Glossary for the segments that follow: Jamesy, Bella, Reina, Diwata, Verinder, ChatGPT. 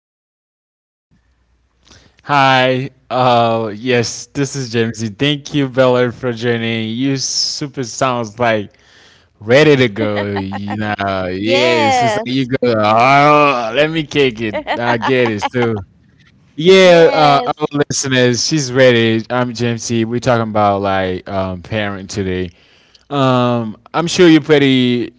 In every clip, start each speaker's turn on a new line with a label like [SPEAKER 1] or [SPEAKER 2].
[SPEAKER 1] guys.
[SPEAKER 2] Hi. Yes, this is Jamesy. Thank you, Bella, for joining. You super sounds like ready to go. You know, yes, it's like you go.
[SPEAKER 1] Yes.
[SPEAKER 2] Oh, let me kick it. I get it too. Yeah, our
[SPEAKER 1] Yes.
[SPEAKER 2] listeners, she's ready. I'm Jamesy. We're talking about like parent today. I'm sure you're pretty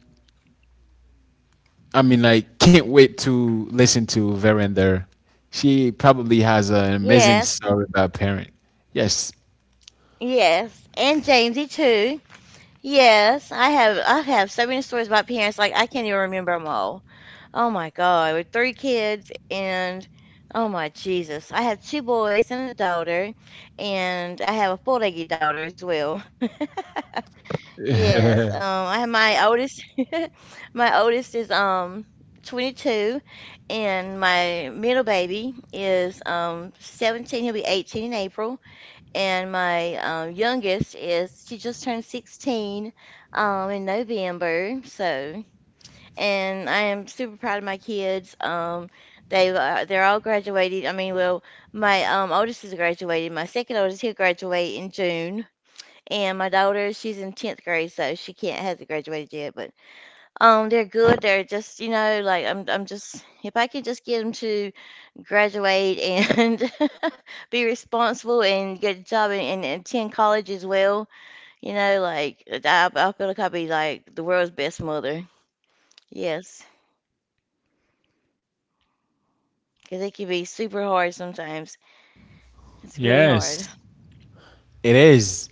[SPEAKER 2] I mean, like, can't wait to listen to Verinder. She probably has an
[SPEAKER 1] Yes.
[SPEAKER 2] amazing story about parent. Yes,
[SPEAKER 1] Yes. And Jamesy too. Yes. I have so many stories about parents, like I can't even remember them all. Oh my God, with three kids and oh my Jesus. I have two boys and a daughter, and I have a full-legged daughter as well. Yes, I have my oldest. My oldest is 22, and my middle baby is 17. He'll be 18 in April, and my youngest is, she just turned 16 in November. So, and I am super proud of my kids. They they're all graduated. I mean, well, my oldest is graduated. My second oldest, he'll graduate in June, and my daughter, she's in 10th grade, so she can't hasn't graduated yet, but they're good. They're just, you know, like I'm just, if I could just get them to graduate and be responsible and get a job and attend college as well, you know, like I feel like I'd be like the world's best mother. Yes, because it can be super hard sometimes. It's really
[SPEAKER 2] yes,
[SPEAKER 1] hard.
[SPEAKER 2] it is.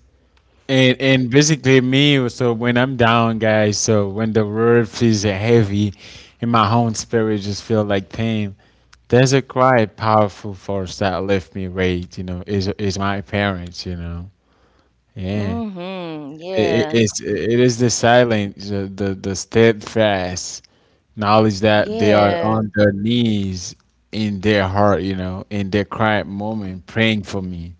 [SPEAKER 2] And basically me, so when I'm down, guys, so when the world feels heavy, and my own spirit just feel like pain, there's a quite powerful force that lift me right. You know, is my parents. You know, yeah.
[SPEAKER 1] Mm-hmm. Yeah.
[SPEAKER 2] It is the silence, the steadfast knowledge that they are
[SPEAKER 1] Yeah.
[SPEAKER 2] on their knees in their heart, you know, in their quiet moment, praying for me.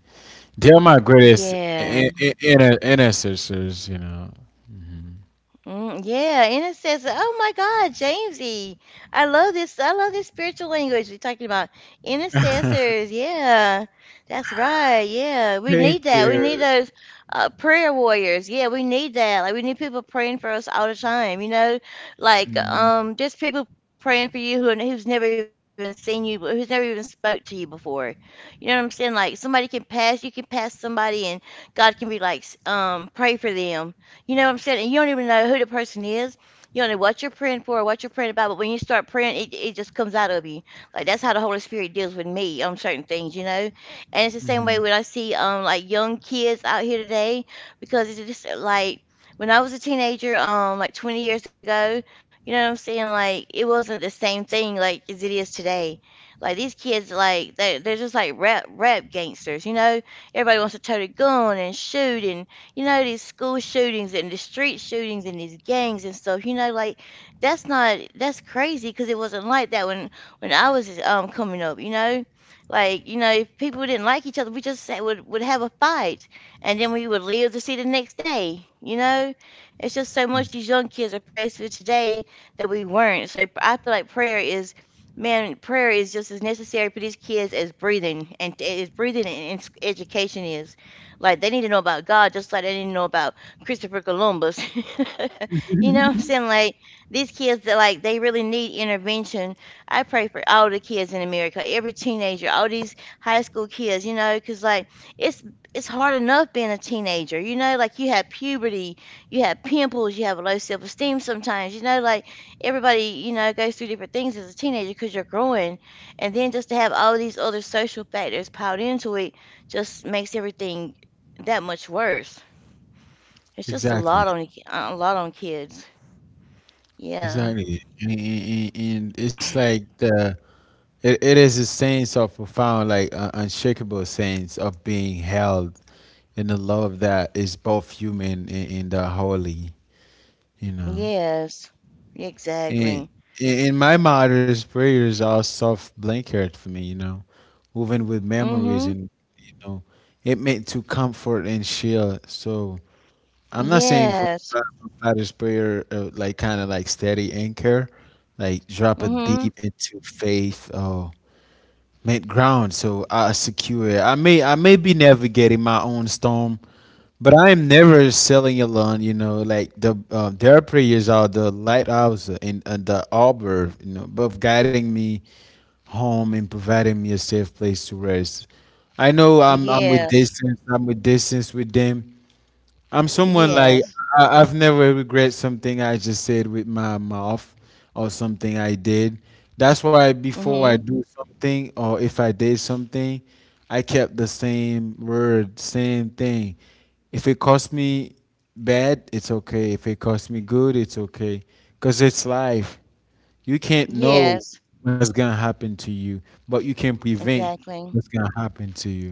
[SPEAKER 2] They are my greatest
[SPEAKER 1] Yeah.
[SPEAKER 2] intercessors, you know. Mhm.
[SPEAKER 1] Yeah, and it says, "Oh my God, Jamesy, I love this. I love this spiritual language you're talking about. Intercessors." Yeah, that's right. Yeah, we
[SPEAKER 2] Thank
[SPEAKER 1] need that. We need
[SPEAKER 2] you.
[SPEAKER 1] those prayer warriors. Yeah, we need that. Like, we need people praying for us all the time. You know, like just people praying for you who's never even seen you, but who's never even spoke to you before. You know what I'm saying? Like, somebody can pass, you can pass somebody, and God can be like, pray for them. You know what I'm saying? And you don't even know who the person is. You don't know what you're praying for or what you're praying about, but when you start praying, it just comes out of you. Like, that's how the Holy Spirit deals with me on certain things, you know? And it's the same way
[SPEAKER 2] Mhm,
[SPEAKER 1] when I see like young kids out here today, because it's just like when I was a teenager, like 20 years ago. You know what I'm saying? Like, it wasn't the same thing like as it is today. Like, these kids, like they they're just like rap gangsters, you know? Everybody wants to tote a gun and shoot, and you know, these school shootings and the street shootings and these gangs and stuff, you know, like that's crazy because it wasn't like that when I was coming up, you know. Like, you know, if people didn't like each other, would have a fight, and then we would live to see the next day, you know? It's just so much these young kids are faced with today that we weren't. So I feel like prayer is, man, prayer is just as necessary for these kids as breathing and education is. Like, they need to know about God just like they need to know about Christopher Columbus. You know what I'm
[SPEAKER 2] mhm.
[SPEAKER 1] saying? Like, these kids, that like they really need intervention. I pray for all the kids in America, every teenager, all these high school kids, you know, 'cause like it's it's hard enough being a teenager. You know, like, you have puberty, you have pimples, you have a low self-esteem sometimes, you know, like everybody, you know, goes through different things as a teenager because 'cause you're growing, and then just to have all these other social factors piled into it just makes everything that much worse. It's just a
[SPEAKER 2] Exactly,
[SPEAKER 1] lot on a lot on kids. Yeah.
[SPEAKER 2] exactly, and it's like the it is a sense of profound, like unshakable sense of being held and the love that is both human and the holy, you know.
[SPEAKER 1] Yes. Exactly.
[SPEAKER 2] And in my mother's prayers are soft blanket for me, you know, woven with memories
[SPEAKER 1] Mhm.
[SPEAKER 2] and you know, it meant to comfort and shield. So I'm not saying for
[SPEAKER 1] Yes.
[SPEAKER 2] my father's prayer like kind of like steady anchor, like drop a
[SPEAKER 1] Mhm.
[SPEAKER 2] deep into faith or Made ground, so I secure. I may be navigating my own storm, but I am never sailing alone. You know, like their prayers are the lighthouse and the arbor. You know, both guiding me home and providing me a safe place to rest. I know I'm with
[SPEAKER 1] Yes.
[SPEAKER 2] distance. I'm with distance with them, I'm someone like
[SPEAKER 1] Yes.
[SPEAKER 2] I've never regret something I just said with my mouth or something I did. That's why before
[SPEAKER 1] Mhm.
[SPEAKER 2] I do something or if I did something, I kept the same word, same thing. If it cost me bad, it's okay. If it cost me good, it's okay. Cause it's life. You can't know
[SPEAKER 1] Yes.
[SPEAKER 2] what's gonna happen to you, but you can prevent
[SPEAKER 1] Exactly.
[SPEAKER 2] what's gonna happen to you.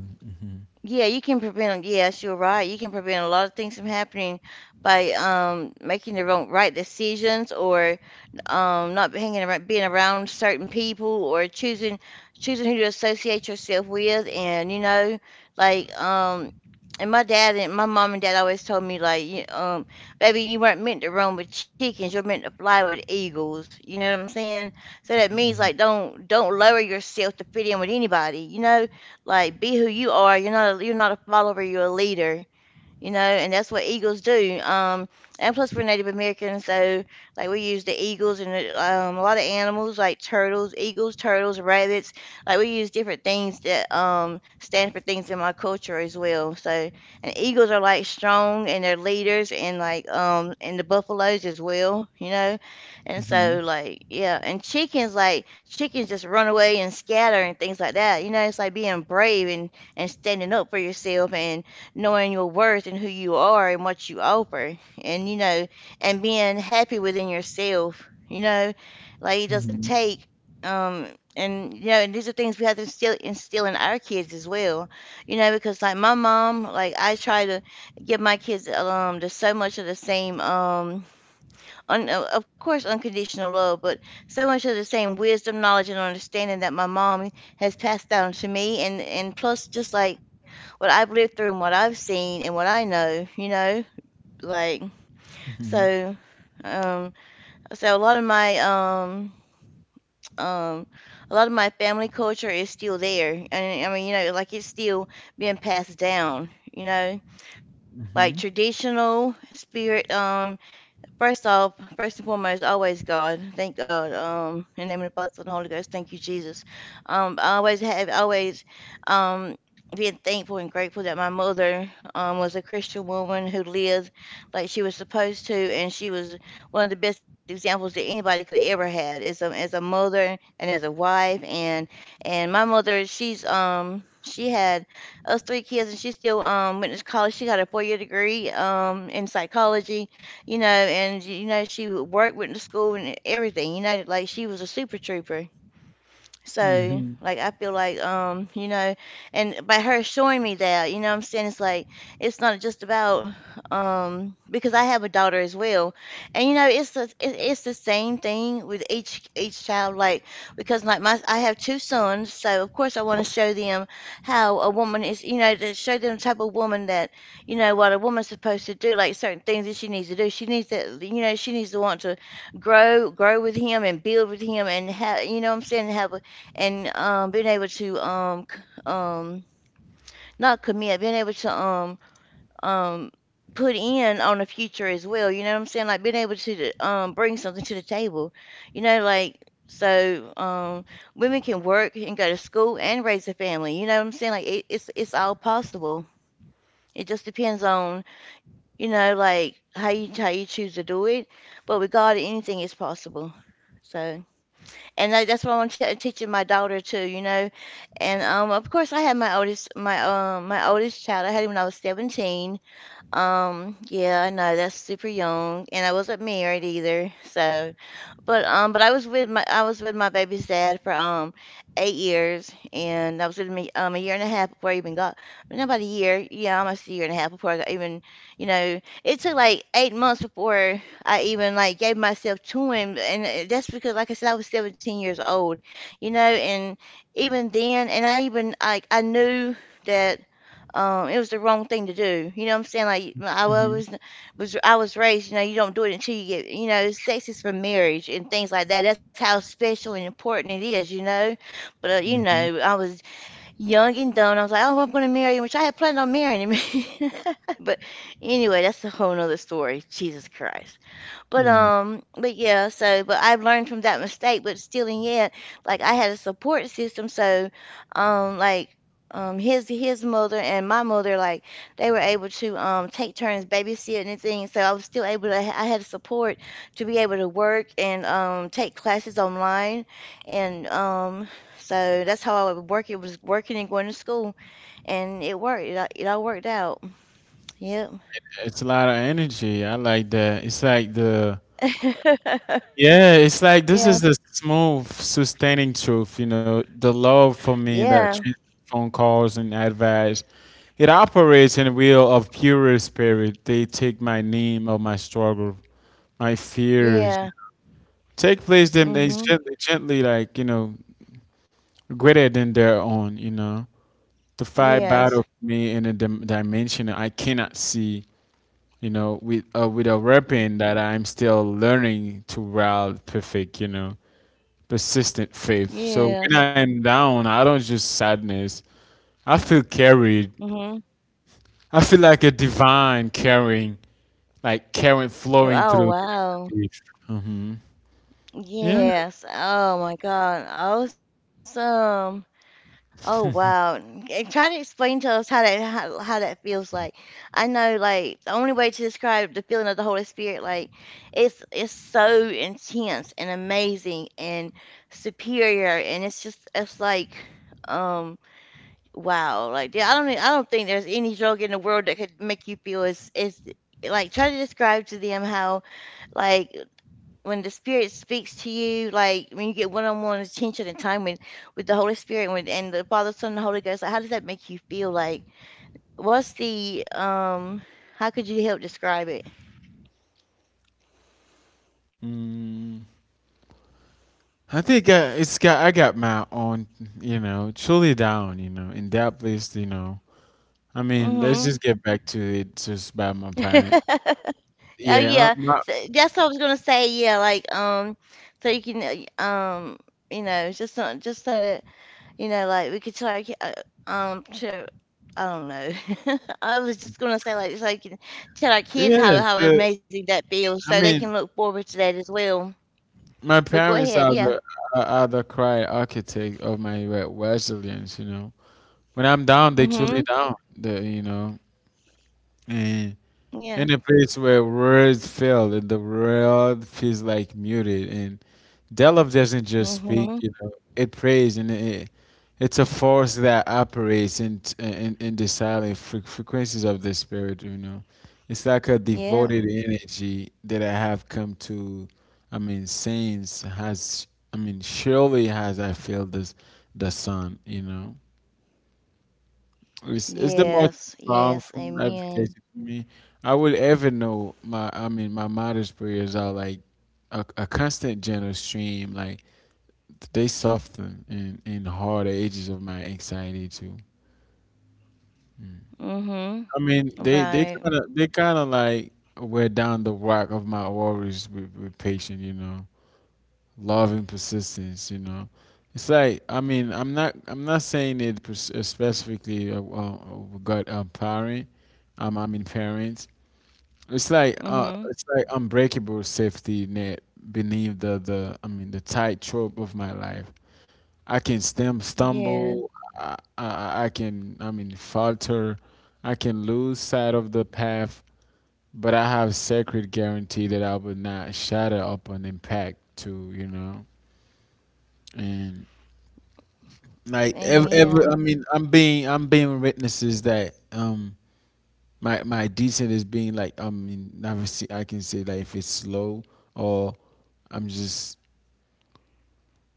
[SPEAKER 1] Yeah, you can prevent, yes, you're right. You can prevent a lot of things from happening by making the wrong right decisions, or not hanging around being around certain people, or choosing who to associate yourself with. And, you know, like and my dad, and my mom and dad always told me, like, baby, you weren't meant to roam with chickens, you're meant to fly with eagles. You know what I'm saying? So that means
[SPEAKER 2] Mhm.
[SPEAKER 1] like, don't lower yourself to fit in with anybody, you know. Like, be who you are. You're not a follower, you're a leader, you know, and that's what eagles do. And plus, we're Native Americans, so like, we use the eagles and, a lot of animals like turtles, eagles, turtles, rabbits. Like, we use different things that stand for things in my culture as well. So, and eagles are like strong and they're leaders, and like, and the buffaloes as well, you know. And so
[SPEAKER 2] Mhm.
[SPEAKER 1] like, yeah, and chickens, like chickens just run away and scatter and things like that. You know, it's like being brave and standing up for yourself and knowing your worth and who you are and what you offer, and you know, and being happy within yourself, you know. Like, it doesn't
[SPEAKER 2] Mhm.
[SPEAKER 1] take um and you know, and these are things we have to instill in our kids as well, you know, because like my mom, like I try to give my kids, just so much of the same, of course, unconditional love, but so much of the same wisdom, knowledge, and understanding that my mom has passed down to me, and plus just like what I've lived through and what I've seen and what I know, you know, like,
[SPEAKER 2] Mhm.
[SPEAKER 1] so. Um, so a lot of my um a lot of my family culture is still there. And I mean, you know, like, it's still being passed down, you know, like
[SPEAKER 2] Mhm.
[SPEAKER 1] traditional spirit. First off, first and foremost, always God. Thank God. In the name of the Father, Son, and the Holy Ghost. Thank you, Jesus. I always have always, um, being thankful and grateful that my mother, was a Christian woman who lived like she was supposed to, and she was one of the best examples that anybody could have ever had, as a mother and as a wife. And my mother, She had us three kids, and she still went to college. She got a four-year degree in psychology, you know. And you know, she would work with the school and everything, you know, like she was a super trooper. So,
[SPEAKER 2] Mhm,
[SPEAKER 1] like, I feel like, you know, and by her showing me that. You know what I'm saying? It's like, it's not just about, because I have a daughter as well. And, you know, it's it, it's the same thing with each child. Like, because like, I have two sons. So, of course, I want to show them how a woman is, you know, to show them the type of woman that, you know, what a woman's supposed to do, like certain things that she needs to do. She needs to, you know, she needs to want to grow with him and build with him and have, you know what I'm saying, and being able to um not commit being able to um put in on the future as well. You know what I'm saying? Like, being able to bring something to the table, you know, like, so women can work and go to school and raise a family. You know what I'm saying? Like, it's all possible. It just depends on, you know, like, how you choose to do it. But with God, anything is possible. So, and I, that's what I'm t teaching my daughter too, you know. And of course, I had my oldest, my oldest child. I had him when I was 17. Yeah, I know that's super young, and I wasn't married either. So, but I was with my baby's dad for 8 years, and I was with me a year and a half before I even got, well, not about a year, yeah, almost a year and a half before I got even, you know. It took like 8 months before I even like gave myself to him, and that's because, like I said, I was 17 years old, you know. And even then, and I even like, I knew that. It was the wrong thing to do. You know what I'm saying? Like
[SPEAKER 2] mhm,
[SPEAKER 1] I was raised, you know, you don't do it until you get, you know, sex is for marriage and things like that. That's how special and important it is. You know, but you know,
[SPEAKER 2] mhm,
[SPEAKER 1] I was young and dumb. I was like, oh, I'm going to marry him, which I had planned on marrying him. But anyway, that's a whole nother story. Jesus Christ.
[SPEAKER 2] yeah.
[SPEAKER 1] But yeah, so but I've learned from that mistake, but still in yet, like I had a support system, so um like his mother and my mother, like they were able to take turns babysitting and things, so I was still able to, I had support to be able to work and take classes online and so that's how I would work. It was working and going to school and it worked. It all worked out. Yep.
[SPEAKER 2] It's a lot of energy. I like that. It's like the yeah, it's like
[SPEAKER 1] Yeah.
[SPEAKER 2] this is the smooth, sustaining truth, you know, the love for me that
[SPEAKER 1] Yeah.
[SPEAKER 2] trans- phone calls and advice. It operates in a wheel of purer spirit. They take my name of my struggle, my fears.
[SPEAKER 1] Yeah.
[SPEAKER 2] Take place them they gently
[SPEAKER 1] Mm-hmm.
[SPEAKER 2] gently like, you know, greater than their own, you know. The fight battle for
[SPEAKER 1] Yes.
[SPEAKER 2] me in a dimension that I cannot see. You know, with a rapping that I'm still learning to route perfect, you know, persistent faith.
[SPEAKER 1] Yes.
[SPEAKER 2] So when I'm down, I don't just sadness. I feel carried.
[SPEAKER 1] Mm-hmm.
[SPEAKER 2] I feel like a divine carrying, like current flowing
[SPEAKER 1] Oh,
[SPEAKER 2] through the
[SPEAKER 1] wow.
[SPEAKER 2] page. Mm-hmm. Yeah.
[SPEAKER 1] Yes. Oh my God. Awesome. Oh wow. And try to explain to us how how that feels like. I know, like the only way to describe the feeling of the Holy Spirit, like it's so intense and amazing and superior, and it's just it's like um. Wow, like yeah, I don't think there's any drug in the world that could make you feel as like, try to describe to them how, like, when the spirit speaks to you, like when you get one-on-one attention and time with the Holy Spirit, when and the Father, Son, and the Holy Ghost, like how does that make you feel? Like what's the how could you help describe it?
[SPEAKER 2] Mm. I think it's got I got my own, you know, truly down, you know, in that place, you know. I mean, let's
[SPEAKER 1] Mm-hmm.
[SPEAKER 2] just get back to it just by my parent.
[SPEAKER 1] Oh
[SPEAKER 2] Yeah,
[SPEAKER 1] yeah,
[SPEAKER 2] my,
[SPEAKER 1] so that's what I was gonna say. Yeah, like so you can you know, just so that. You know, like we could try, to, I don't know. I was just gonna say, like so you can tell our kids
[SPEAKER 2] yeah,
[SPEAKER 1] how
[SPEAKER 2] so
[SPEAKER 1] amazing that feels, so
[SPEAKER 2] I
[SPEAKER 1] they can
[SPEAKER 2] mean,
[SPEAKER 1] look forward to that as well. But go
[SPEAKER 2] my
[SPEAKER 1] ahead,
[SPEAKER 2] parents
[SPEAKER 1] yeah.
[SPEAKER 2] are the are the cry architect of my resilience. You know, when I'm down, they
[SPEAKER 1] Mhm.
[SPEAKER 2] truly down. The you know, and in a
[SPEAKER 1] Yeah.
[SPEAKER 2] place where words fail and the world feels like muted, and Delove doesn't just speak,
[SPEAKER 1] Mhm.
[SPEAKER 2] you know, it prays and it, it's a force that operates in, in the silent frequencies of the spirit, you know. It's like a devoted
[SPEAKER 1] Yeah.
[SPEAKER 2] energy that I have come to, I mean, since has, I mean, surely has I felt this, the sun, you know.
[SPEAKER 1] Yes.
[SPEAKER 2] It's the most
[SPEAKER 1] Yes. Amen.
[SPEAKER 2] powerful advocacy for me. I would ever know my, I mean, my mother's prayers are like a constant general stream, like they soften in hard ages of my anxiety too.
[SPEAKER 1] Mhm.
[SPEAKER 2] I mean,
[SPEAKER 1] Right.
[SPEAKER 2] they kind of like wear down the rock of my worries with patience, you know, loving persistence, you know. It's like I mean, I'm not saying it specifically got parent, I mean parents. It's
[SPEAKER 1] Mhm.
[SPEAKER 2] like unbreakable safety net beneath the I mean the tight trope of my life. I can stem, stumble.
[SPEAKER 1] Yeah.
[SPEAKER 2] I can, I mean, falter. I can lose sight of the path, but I have sacred guarantee that I will not shatter upon impact too, you know? And like ever I mean,
[SPEAKER 1] Amen.
[SPEAKER 2] I'm being witnesses that, my, my descent is being like, I mean, obviously I can say like if it's slow or I'm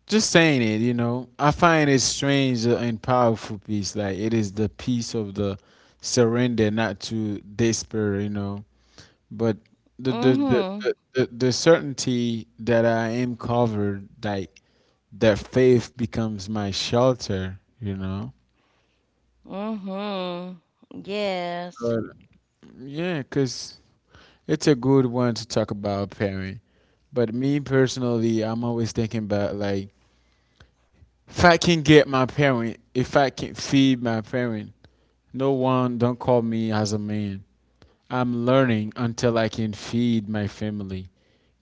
[SPEAKER 2] just saying it, you know, I find it strange and powerful peace. Like it is the peace of the surrender, not to despair, you know. But the
[SPEAKER 1] Mhm.
[SPEAKER 2] certainty that I am covered, like that faith becomes my shelter, you know.
[SPEAKER 1] Mhm.
[SPEAKER 2] But
[SPEAKER 1] Yes.
[SPEAKER 2] yeah, cause it's a good one to talk about, parent. But me personally, I'm always thinking about like if I can get my parent, if I can feed my parent, no one don't call me as a man. I'm learning until I can feed my family.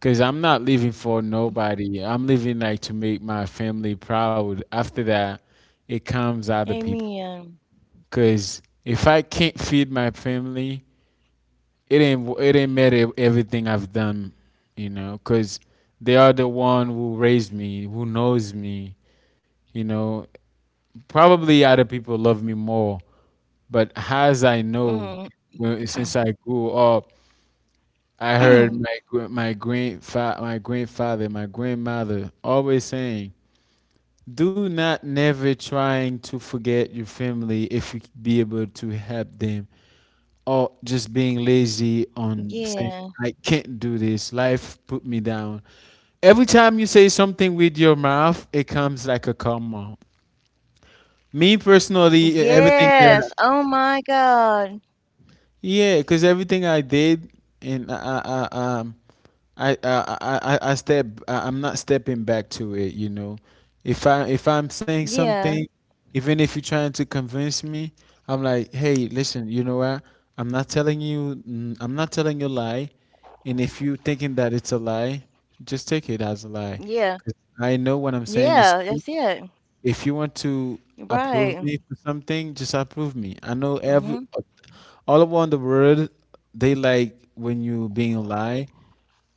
[SPEAKER 2] Cause I'm not living for nobody. I'm living like to make my family proud. After that, it comes other people.
[SPEAKER 1] Amen.
[SPEAKER 2] Cause if I can't feed my family, it ain't matter everything I've done, you know. Cause they are the one who raised me, who knows me, you know. Probably other people love me more, but as I know,
[SPEAKER 1] Mhm.
[SPEAKER 2] when, since I grew up, I heard my grandfather, my grandmother always saying, "Do not never trying to forget your family if you be able to help them, or just being lazy on saying
[SPEAKER 1] Yeah.
[SPEAKER 2] I can't do this. Life put me down." Every time you say something with your mouth, it comes like a karma. Me personally, everything that
[SPEAKER 1] Yes. Oh my God.
[SPEAKER 2] yeah, because everything I did and I, I, um, I step. I'm not stepping back to it. You know, if I'm saying something,
[SPEAKER 1] Yeah.
[SPEAKER 2] even if you're trying to convince me, I'm like, hey, listen. You know what? I'm not telling you. I'm not telling you a lie. And if you're thinking that it's a lie, just take it as a lie.
[SPEAKER 1] Yeah.
[SPEAKER 2] 'Cause I know what I'm saying is
[SPEAKER 1] Yeah. That's it.
[SPEAKER 2] if you want to approve
[SPEAKER 1] Right.
[SPEAKER 2] me for something, just approve me. I know every
[SPEAKER 1] Mm-hmm.
[SPEAKER 2] all around the world they like when you being a lie.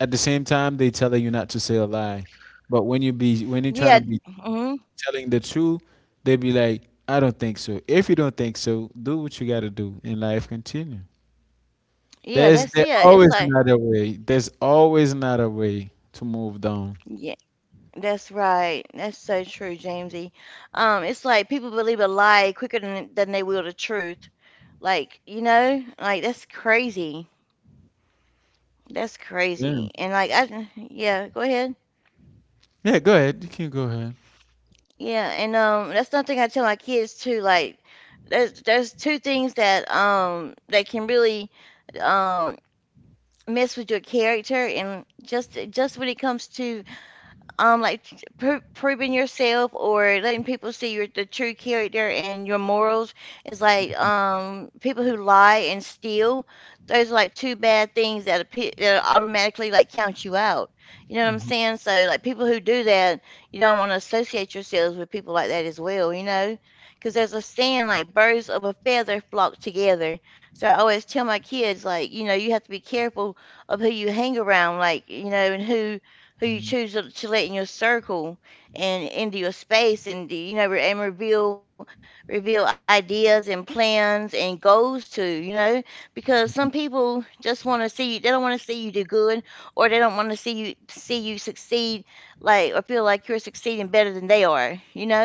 [SPEAKER 2] At the same time, they telling you not to say a lie. But when you're trying to
[SPEAKER 1] Yeah.
[SPEAKER 2] be
[SPEAKER 1] Mm-hmm.
[SPEAKER 2] telling the truth, they be like, I don't think so. If you don't think so, do what you gotta do and life continue.
[SPEAKER 1] Yeah.
[SPEAKER 2] There's there
[SPEAKER 1] That's it.
[SPEAKER 2] always
[SPEAKER 1] It's like,
[SPEAKER 2] another way. There's always another way to move down.
[SPEAKER 1] yeah, that's right. That's so true, Jamesy. It's like people believe a lie quicker than they will the truth. Like, you know, like that's crazy. That's
[SPEAKER 2] Yeah.
[SPEAKER 1] crazy. And like, yeah, go ahead.
[SPEAKER 2] Yeah, go ahead. You can go ahead.
[SPEAKER 1] Yeah, and that's something I tell my kids too. Like, there's two things that that can really um mess with your character, and just when it comes to um like t- proving yourself or letting people see your the true character and your morals is like, people who lie and steal, those are like two bad things that that automatically like count you out, you know what I'm saying? So like people who do that, you don't want to associate yourselves with people like that as well, you know, because there's a saying like birds of a feather flock together. So I always tell my kids, like, you know, you have to be careful of who you hang around, like, you know, and who you choose to let in your circle and into your space, and you know, and reveal ideas and plans and goals to, you know, because some people just want to see you, they don't want to see you do good, or they don't want to see you succeed, like, or feel like you're succeeding better than they are, you know.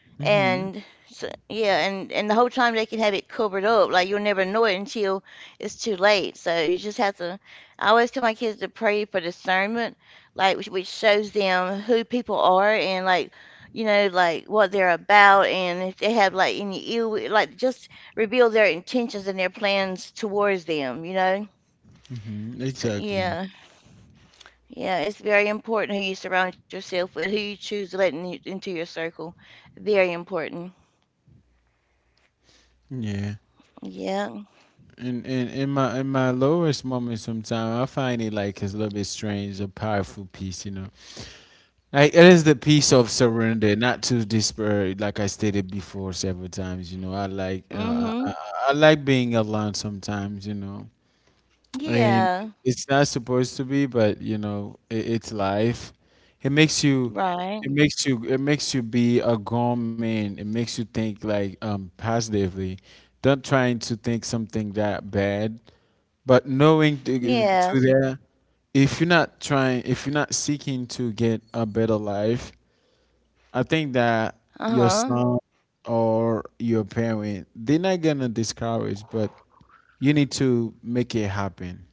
[SPEAKER 1] And
[SPEAKER 2] Hmm.
[SPEAKER 1] so, yeah, and the whole time they can have it covered up, like you'll never know it until it's too late. So you just have to. I always tell my kids to pray for discernment, like which shows them who people are, and like, you know, like what they're about, and if they have like any ill, like just reveal their intentions and their plans towards them, you know.
[SPEAKER 2] Mm-hmm,
[SPEAKER 1] So,
[SPEAKER 2] exactly.
[SPEAKER 1] yeah, yeah, it's very important who you surround yourself with, who you choose to let in, into your circle. Very important.
[SPEAKER 2] Yeah.
[SPEAKER 1] Yeah.
[SPEAKER 2] And in my lowest moment sometimes I find it like it's a little bit strange, a powerful peace, you know. Like it is the peace of surrender, not to despair, like I stated before several times, you know. I like
[SPEAKER 1] Mm-hmm.
[SPEAKER 2] I like being alone sometimes, you know. And
[SPEAKER 1] Yeah.
[SPEAKER 2] it's not supposed to be, but you know, it, it's life. It makes you,
[SPEAKER 1] Right.
[SPEAKER 2] it makes you be a grown man. It makes you think like positively, not trying to think something that bad, but knowing
[SPEAKER 1] Yes.
[SPEAKER 2] to there, if you're not trying, if you're not seeking to get a better life, I think
[SPEAKER 1] Uh-huh.
[SPEAKER 2] that your son or your parent, they're not gonna discourage, but you need to make it happen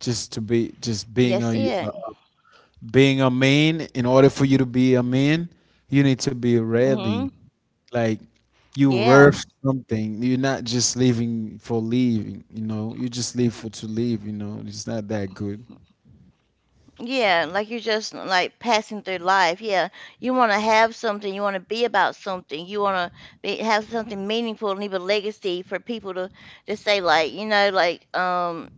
[SPEAKER 2] just to be
[SPEAKER 1] Yes,
[SPEAKER 2] just being
[SPEAKER 1] it.
[SPEAKER 2] a uh, being a man in order for you to be a man you need to be
[SPEAKER 1] Mm-hmm.
[SPEAKER 2] ready like you
[SPEAKER 1] Yeah.
[SPEAKER 2] worth something you're not just leaving for leaving. You know you just leave for to leave. You know it's not that good.
[SPEAKER 1] Yeah. Like you're just like passing through life. Yeah. You want to have something. You want to be about something. You want to be, have something meaningful, and leave a legacy for people to say, like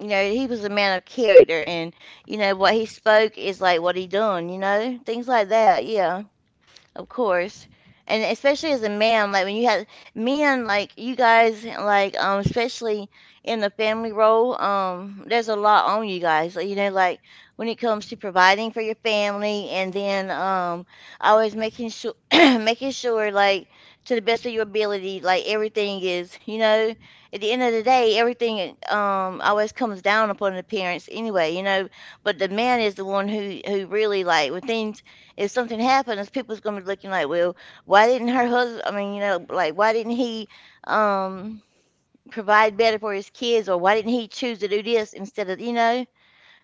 [SPEAKER 1] you know, he was a man of character, and you know, what he spoke is like what he done, you know? Things like that. Yeah. Of course. And especially as a man, like when you have men, like you guys, like especially in the family role, there's a lot on you guys. Like, you know, like when it comes to providing for your family, and then always making sure, making sure, like to the best of your ability, like everything is, you know, at the end of the day, everything always comes down upon the parents anyway, you know. But the man is the one who really, like when things, if something happens, people's gonna be looking like, well, why didn't her husband? I mean, you know, like why didn't he um provide better for his kids, or why didn't he choose to do this instead of, you know?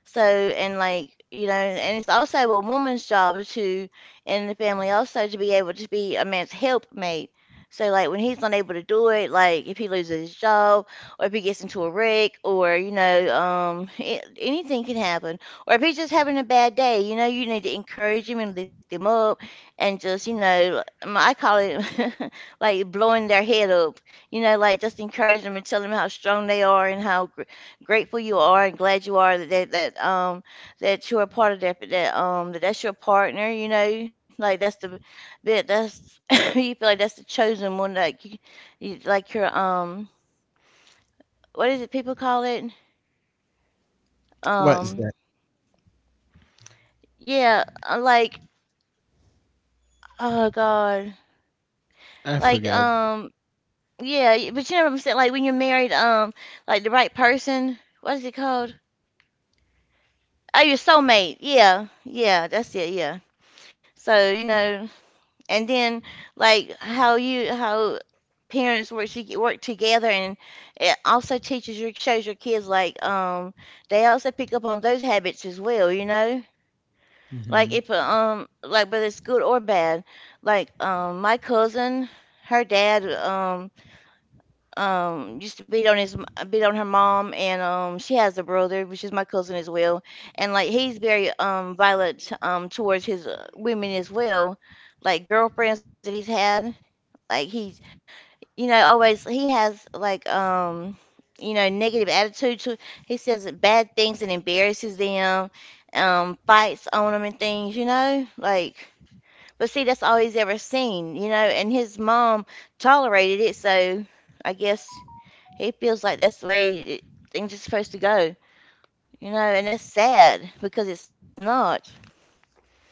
[SPEAKER 1] So, and like, you know, and it's also a woman's job to, in the family also to be able to be a man's helpmate. So, like, when he's not able to do it, like if he loses his job, or if he gets into a wreck, or you know, it, anything can happen. Or if he's just having a bad day, you know, you need to encourage him and lift him up, and just, you know, I call it like blowing their head up. You know, like just encourage them and tell them how strong they are, and how grateful you are and glad you are that that that you're a part of that that that's your partner, you know, like that's the that's you feel like that's the chosen one, like you like your what is it people call it,
[SPEAKER 2] What is
[SPEAKER 1] um,
[SPEAKER 2] that?
[SPEAKER 1] yeah, like, oh God,
[SPEAKER 2] I
[SPEAKER 1] like,
[SPEAKER 2] forgot.
[SPEAKER 1] yeah, but you know what I'm saying, like when you're married, like the right person, what is it called? Oh, your soulmate, yeah, yeah, that's it, yeah. So you know, and then like how you how parents work to work together, and it also teaches your, shows your kids, like they also pick up on those habits as well, you know. Like
[SPEAKER 2] Hmm.
[SPEAKER 1] if like whether it's good or bad, like my cousin, her dad, used to beat on his, beat on her mom, and she has a brother which is my cousin as well, and like he's very violent towards his women as well, like girlfriends that he's had. Like he's, you know, always he has like you know, negative attitude to. He says bad things and embarrasses them, fights on them and things. You know, like. But see, that's all he's ever seen, you know. And his mom tolerated it, so I guess he feels like that's the way it, things are supposed to go, you know. And that's sad because it's not.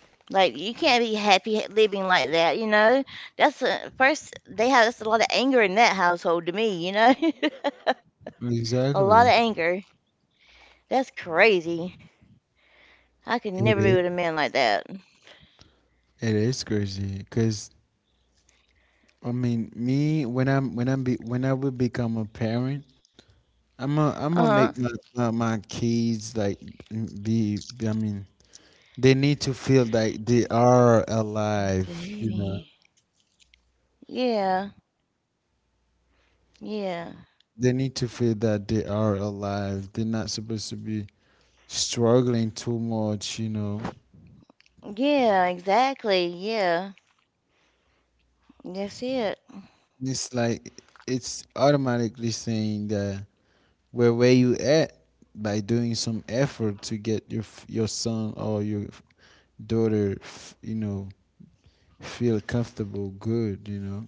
[SPEAKER 1] Like, you can't be happy living like that, you know? That's a, first, they have that's a lot of anger in that household to me, you know? A lot
[SPEAKER 2] Exactly.
[SPEAKER 1] of anger. That's crazy. I could
[SPEAKER 2] it
[SPEAKER 1] never be with
[SPEAKER 2] is
[SPEAKER 1] a man like that.
[SPEAKER 2] it is crazy because I mean me when when I will become a parent I'm gonna
[SPEAKER 1] Uh-huh.
[SPEAKER 2] make my kids like I mean they need to feel like they are alive, you know.
[SPEAKER 1] Baby. Yeah. Yeah.
[SPEAKER 2] They need to feel that they are alive. They're not supposed to be struggling too much, you know.
[SPEAKER 1] Yeah, exactly. Yeah. That's it.
[SPEAKER 2] It's like it's automatically saying that where you at by doing some effort to get your your son or your daughter, you know, feel comfortable, good, you know.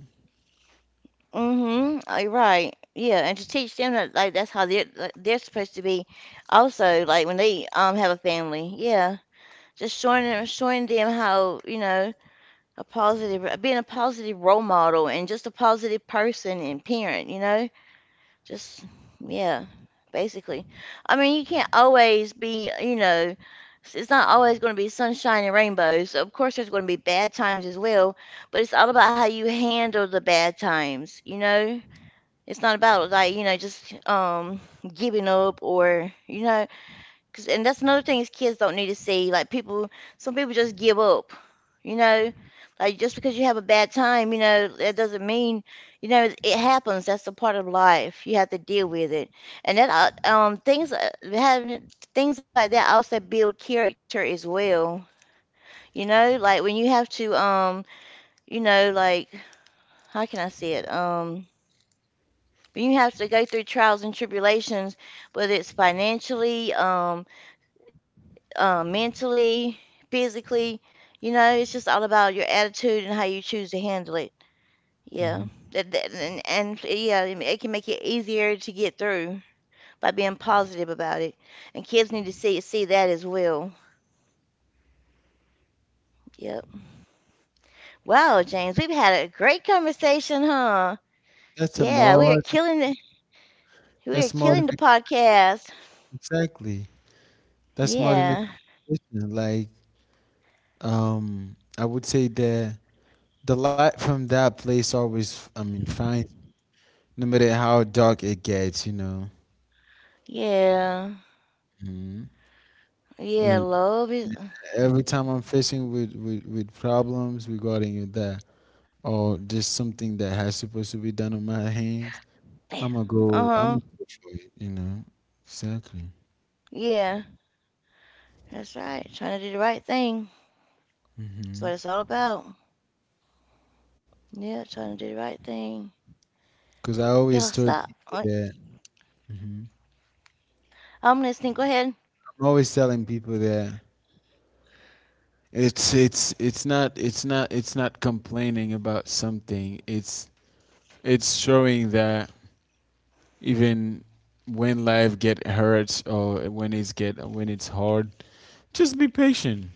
[SPEAKER 1] Mm-hmm. Oh, you're right. Yeah, and to teach them that, like that's how they're, like, they're supposed to be also like when they have a family. Yeah. Just showing them, how, you know, a positive being a positive role model, and just a positive person and parent, you know, just, yeah, basically. I mean, you can't always be, you know, it's not always going to be sunshine and rainbows. So, of course there's going to be bad times as well, but it's all about how you handle the bad times, you know. It's not about like, you know, just giving up, or you know. Cause, and that's another thing, is kids don't need to see. Like people, some people just give up. You know, like just because you have a bad time, you know, that doesn't mean, you know, it happens. That's a part of life. You have to deal with it. And that things having things like that also build character as well. You know, like when you have to you know, like how can I say it? When you have to go through trials and tribulations, whether it's financially, mentally, physically. You know, it's just all about your attitude and how you choose to handle it. Yeah.
[SPEAKER 2] Hmm.
[SPEAKER 1] And yeah, it can make it easier to get through by being positive about it. And kids need to see that as well. Yep. Wow, James, we've had a great conversation, huh?
[SPEAKER 2] That's a
[SPEAKER 1] Yeah, we are
[SPEAKER 2] more.
[SPEAKER 1] killing the, we are
[SPEAKER 2] That's more than
[SPEAKER 1] killing the podcast.
[SPEAKER 2] exactly. That's more than a
[SPEAKER 1] Yeah.
[SPEAKER 2] competition. Like, I would say that the light from that place always, I mean, finds me, no matter how dark it gets, you know.
[SPEAKER 1] Yeah.
[SPEAKER 2] Mhm.
[SPEAKER 1] Yeah,
[SPEAKER 2] When-
[SPEAKER 1] love is
[SPEAKER 2] every time I'm facing with problems regarding that, or just something that has supposed to be done on my hands,
[SPEAKER 1] yeah.
[SPEAKER 2] I'm
[SPEAKER 1] Uh-huh.
[SPEAKER 2] gonna go for it, you know. Exactly.
[SPEAKER 1] Yeah. That's right. Trying to do the right thing. That's
[SPEAKER 2] Mm-hmm.
[SPEAKER 1] what it's all about. Yeah, trying to do the right thing.
[SPEAKER 2] Cause I always
[SPEAKER 1] Bill,
[SPEAKER 2] told
[SPEAKER 1] stop.
[SPEAKER 2] people
[SPEAKER 1] All right.
[SPEAKER 2] that. Mhm.
[SPEAKER 1] I'm listening. Go ahead.
[SPEAKER 2] I'm always telling people that it's not complaining about something. It's showing that even when life get hurts or when it's hard, just be patient.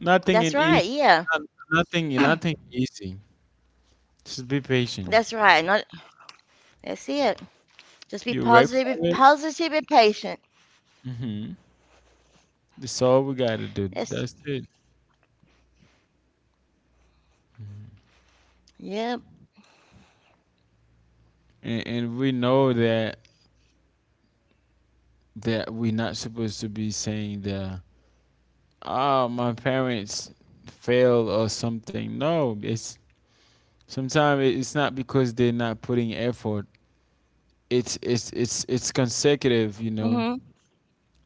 [SPEAKER 2] Nothing
[SPEAKER 1] That's
[SPEAKER 2] in easy,
[SPEAKER 1] right. Yeah.
[SPEAKER 2] nothing easy. Just be patient.
[SPEAKER 1] That's right. Not, that's it. Just be
[SPEAKER 2] You work for
[SPEAKER 1] positive and
[SPEAKER 2] it.
[SPEAKER 1] positive and patient.
[SPEAKER 2] Hmm. That's all we gotta do. That's
[SPEAKER 1] That's,
[SPEAKER 2] it.
[SPEAKER 1] yep.
[SPEAKER 2] And we know that that we're not supposed to be saying the oh my parents failed or something. No, it's sometimes it's not because they're not putting effort. It's
[SPEAKER 1] Mhm.
[SPEAKER 2] consecutive, you know.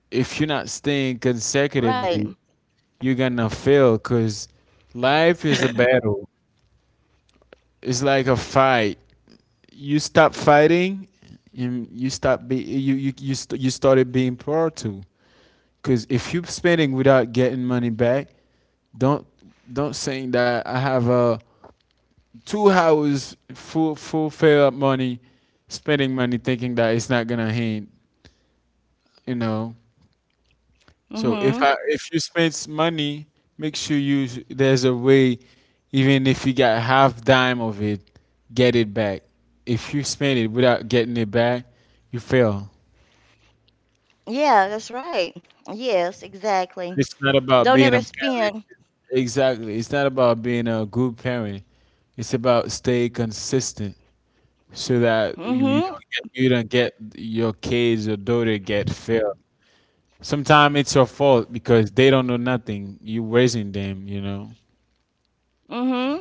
[SPEAKER 2] If you're not
[SPEAKER 1] All
[SPEAKER 2] staying
[SPEAKER 1] right.
[SPEAKER 2] consecutively, you're gonna fail because life is a battle. It's like a fight. You stop fighting, and you stop be you you you, st- you started being poor too. Because if you're spending without getting money back, don't don't saying that I have a 2 hours full fail, up money, spending money thinking that it's not gonna hit, you know. So
[SPEAKER 1] Mhm.
[SPEAKER 2] if you spend money, make sure you there's a way, even if you got half dime of it, get it back. If you spend it without getting it back, you fail.
[SPEAKER 1] Yeah, that's right. Yes, exactly.
[SPEAKER 2] It's not about
[SPEAKER 1] Don't
[SPEAKER 2] being
[SPEAKER 1] ever
[SPEAKER 2] a parent.
[SPEAKER 1] spend.
[SPEAKER 2] Exactly. It's not about being a good parent. It's about stay consistent, so that you,
[SPEAKER 1] Mhm.
[SPEAKER 2] you don't get your kids your daughter get failed. Sometimes it's your fault because they don't know nothing. You raising them, you know.
[SPEAKER 1] Mhm.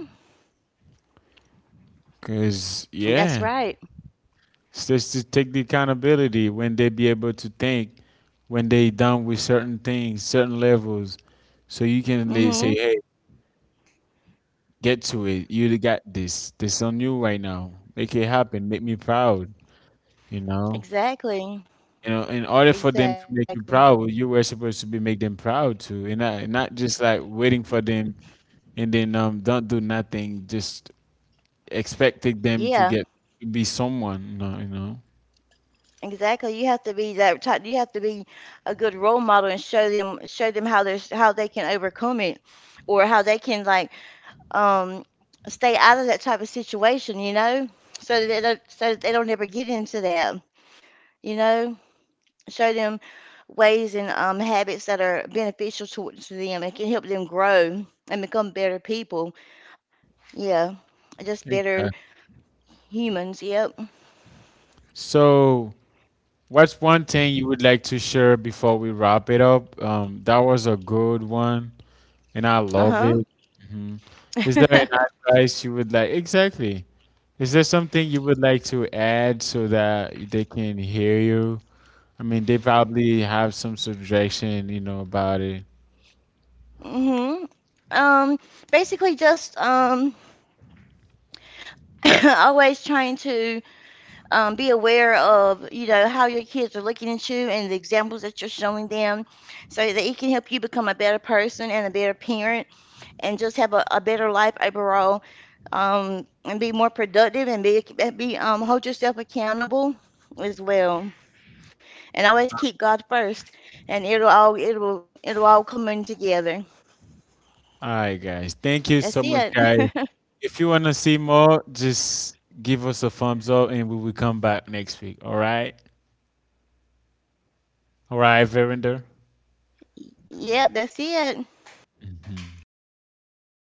[SPEAKER 2] Cause yeah,
[SPEAKER 1] That's right.
[SPEAKER 2] it's just to take the accountability when they be able to think, when they done with certain things, certain levels, so you can like, say, hey,
[SPEAKER 1] Mhm.
[SPEAKER 2] get to it. You got this. This on you right now. Make it happen. Make me proud. You know.
[SPEAKER 1] Exactly.
[SPEAKER 2] You know, in order for them to make you
[SPEAKER 1] Exactly.
[SPEAKER 2] proud, you were supposed to be make them proud too, and not just like waiting
[SPEAKER 1] Y-
[SPEAKER 2] for them and then don't do nothing, just expecting them to
[SPEAKER 1] Yeah.
[SPEAKER 2] get to be someone. No, you know.
[SPEAKER 1] Exactly. You have to be that type. You have to be a good role model and show them, how there's how they can overcome it, or how they can, like, um stay out of that type of situation, you know? So that they don't, so that they don't ever get into that, you know? Show them ways and habits that are beneficial to them and can help them grow and become better people. Yeah. Just better
[SPEAKER 2] Exactly.
[SPEAKER 1] humans. Yep.
[SPEAKER 2] So, what's one thing you would like to share before we wrap it up? That was a good one, and I love it. Hmm. Is there any
[SPEAKER 1] Uh-huh.
[SPEAKER 2] advice you would like? Exactly. Is there something you would like to add so that they can hear you? I mean, they probably have some suggestion, you know, about it.
[SPEAKER 1] Hmm. Um, basically just always trying to be aware of, you know, how your kids are looking at you and the examples that you're showing them, so that it can help you become a better person and a better parent, and just have a better life overall. And be more productive, and be hold yourself accountable as well. And always keep God first, and it'll all, it'll all come in together.
[SPEAKER 2] All right, guys.
[SPEAKER 1] That's
[SPEAKER 2] Thank you so
[SPEAKER 1] it.
[SPEAKER 2] much, guys. If you want to see more, just give us a thumbs up and we will come back next week. All right. All right, Verinder.
[SPEAKER 1] Yep, that's it.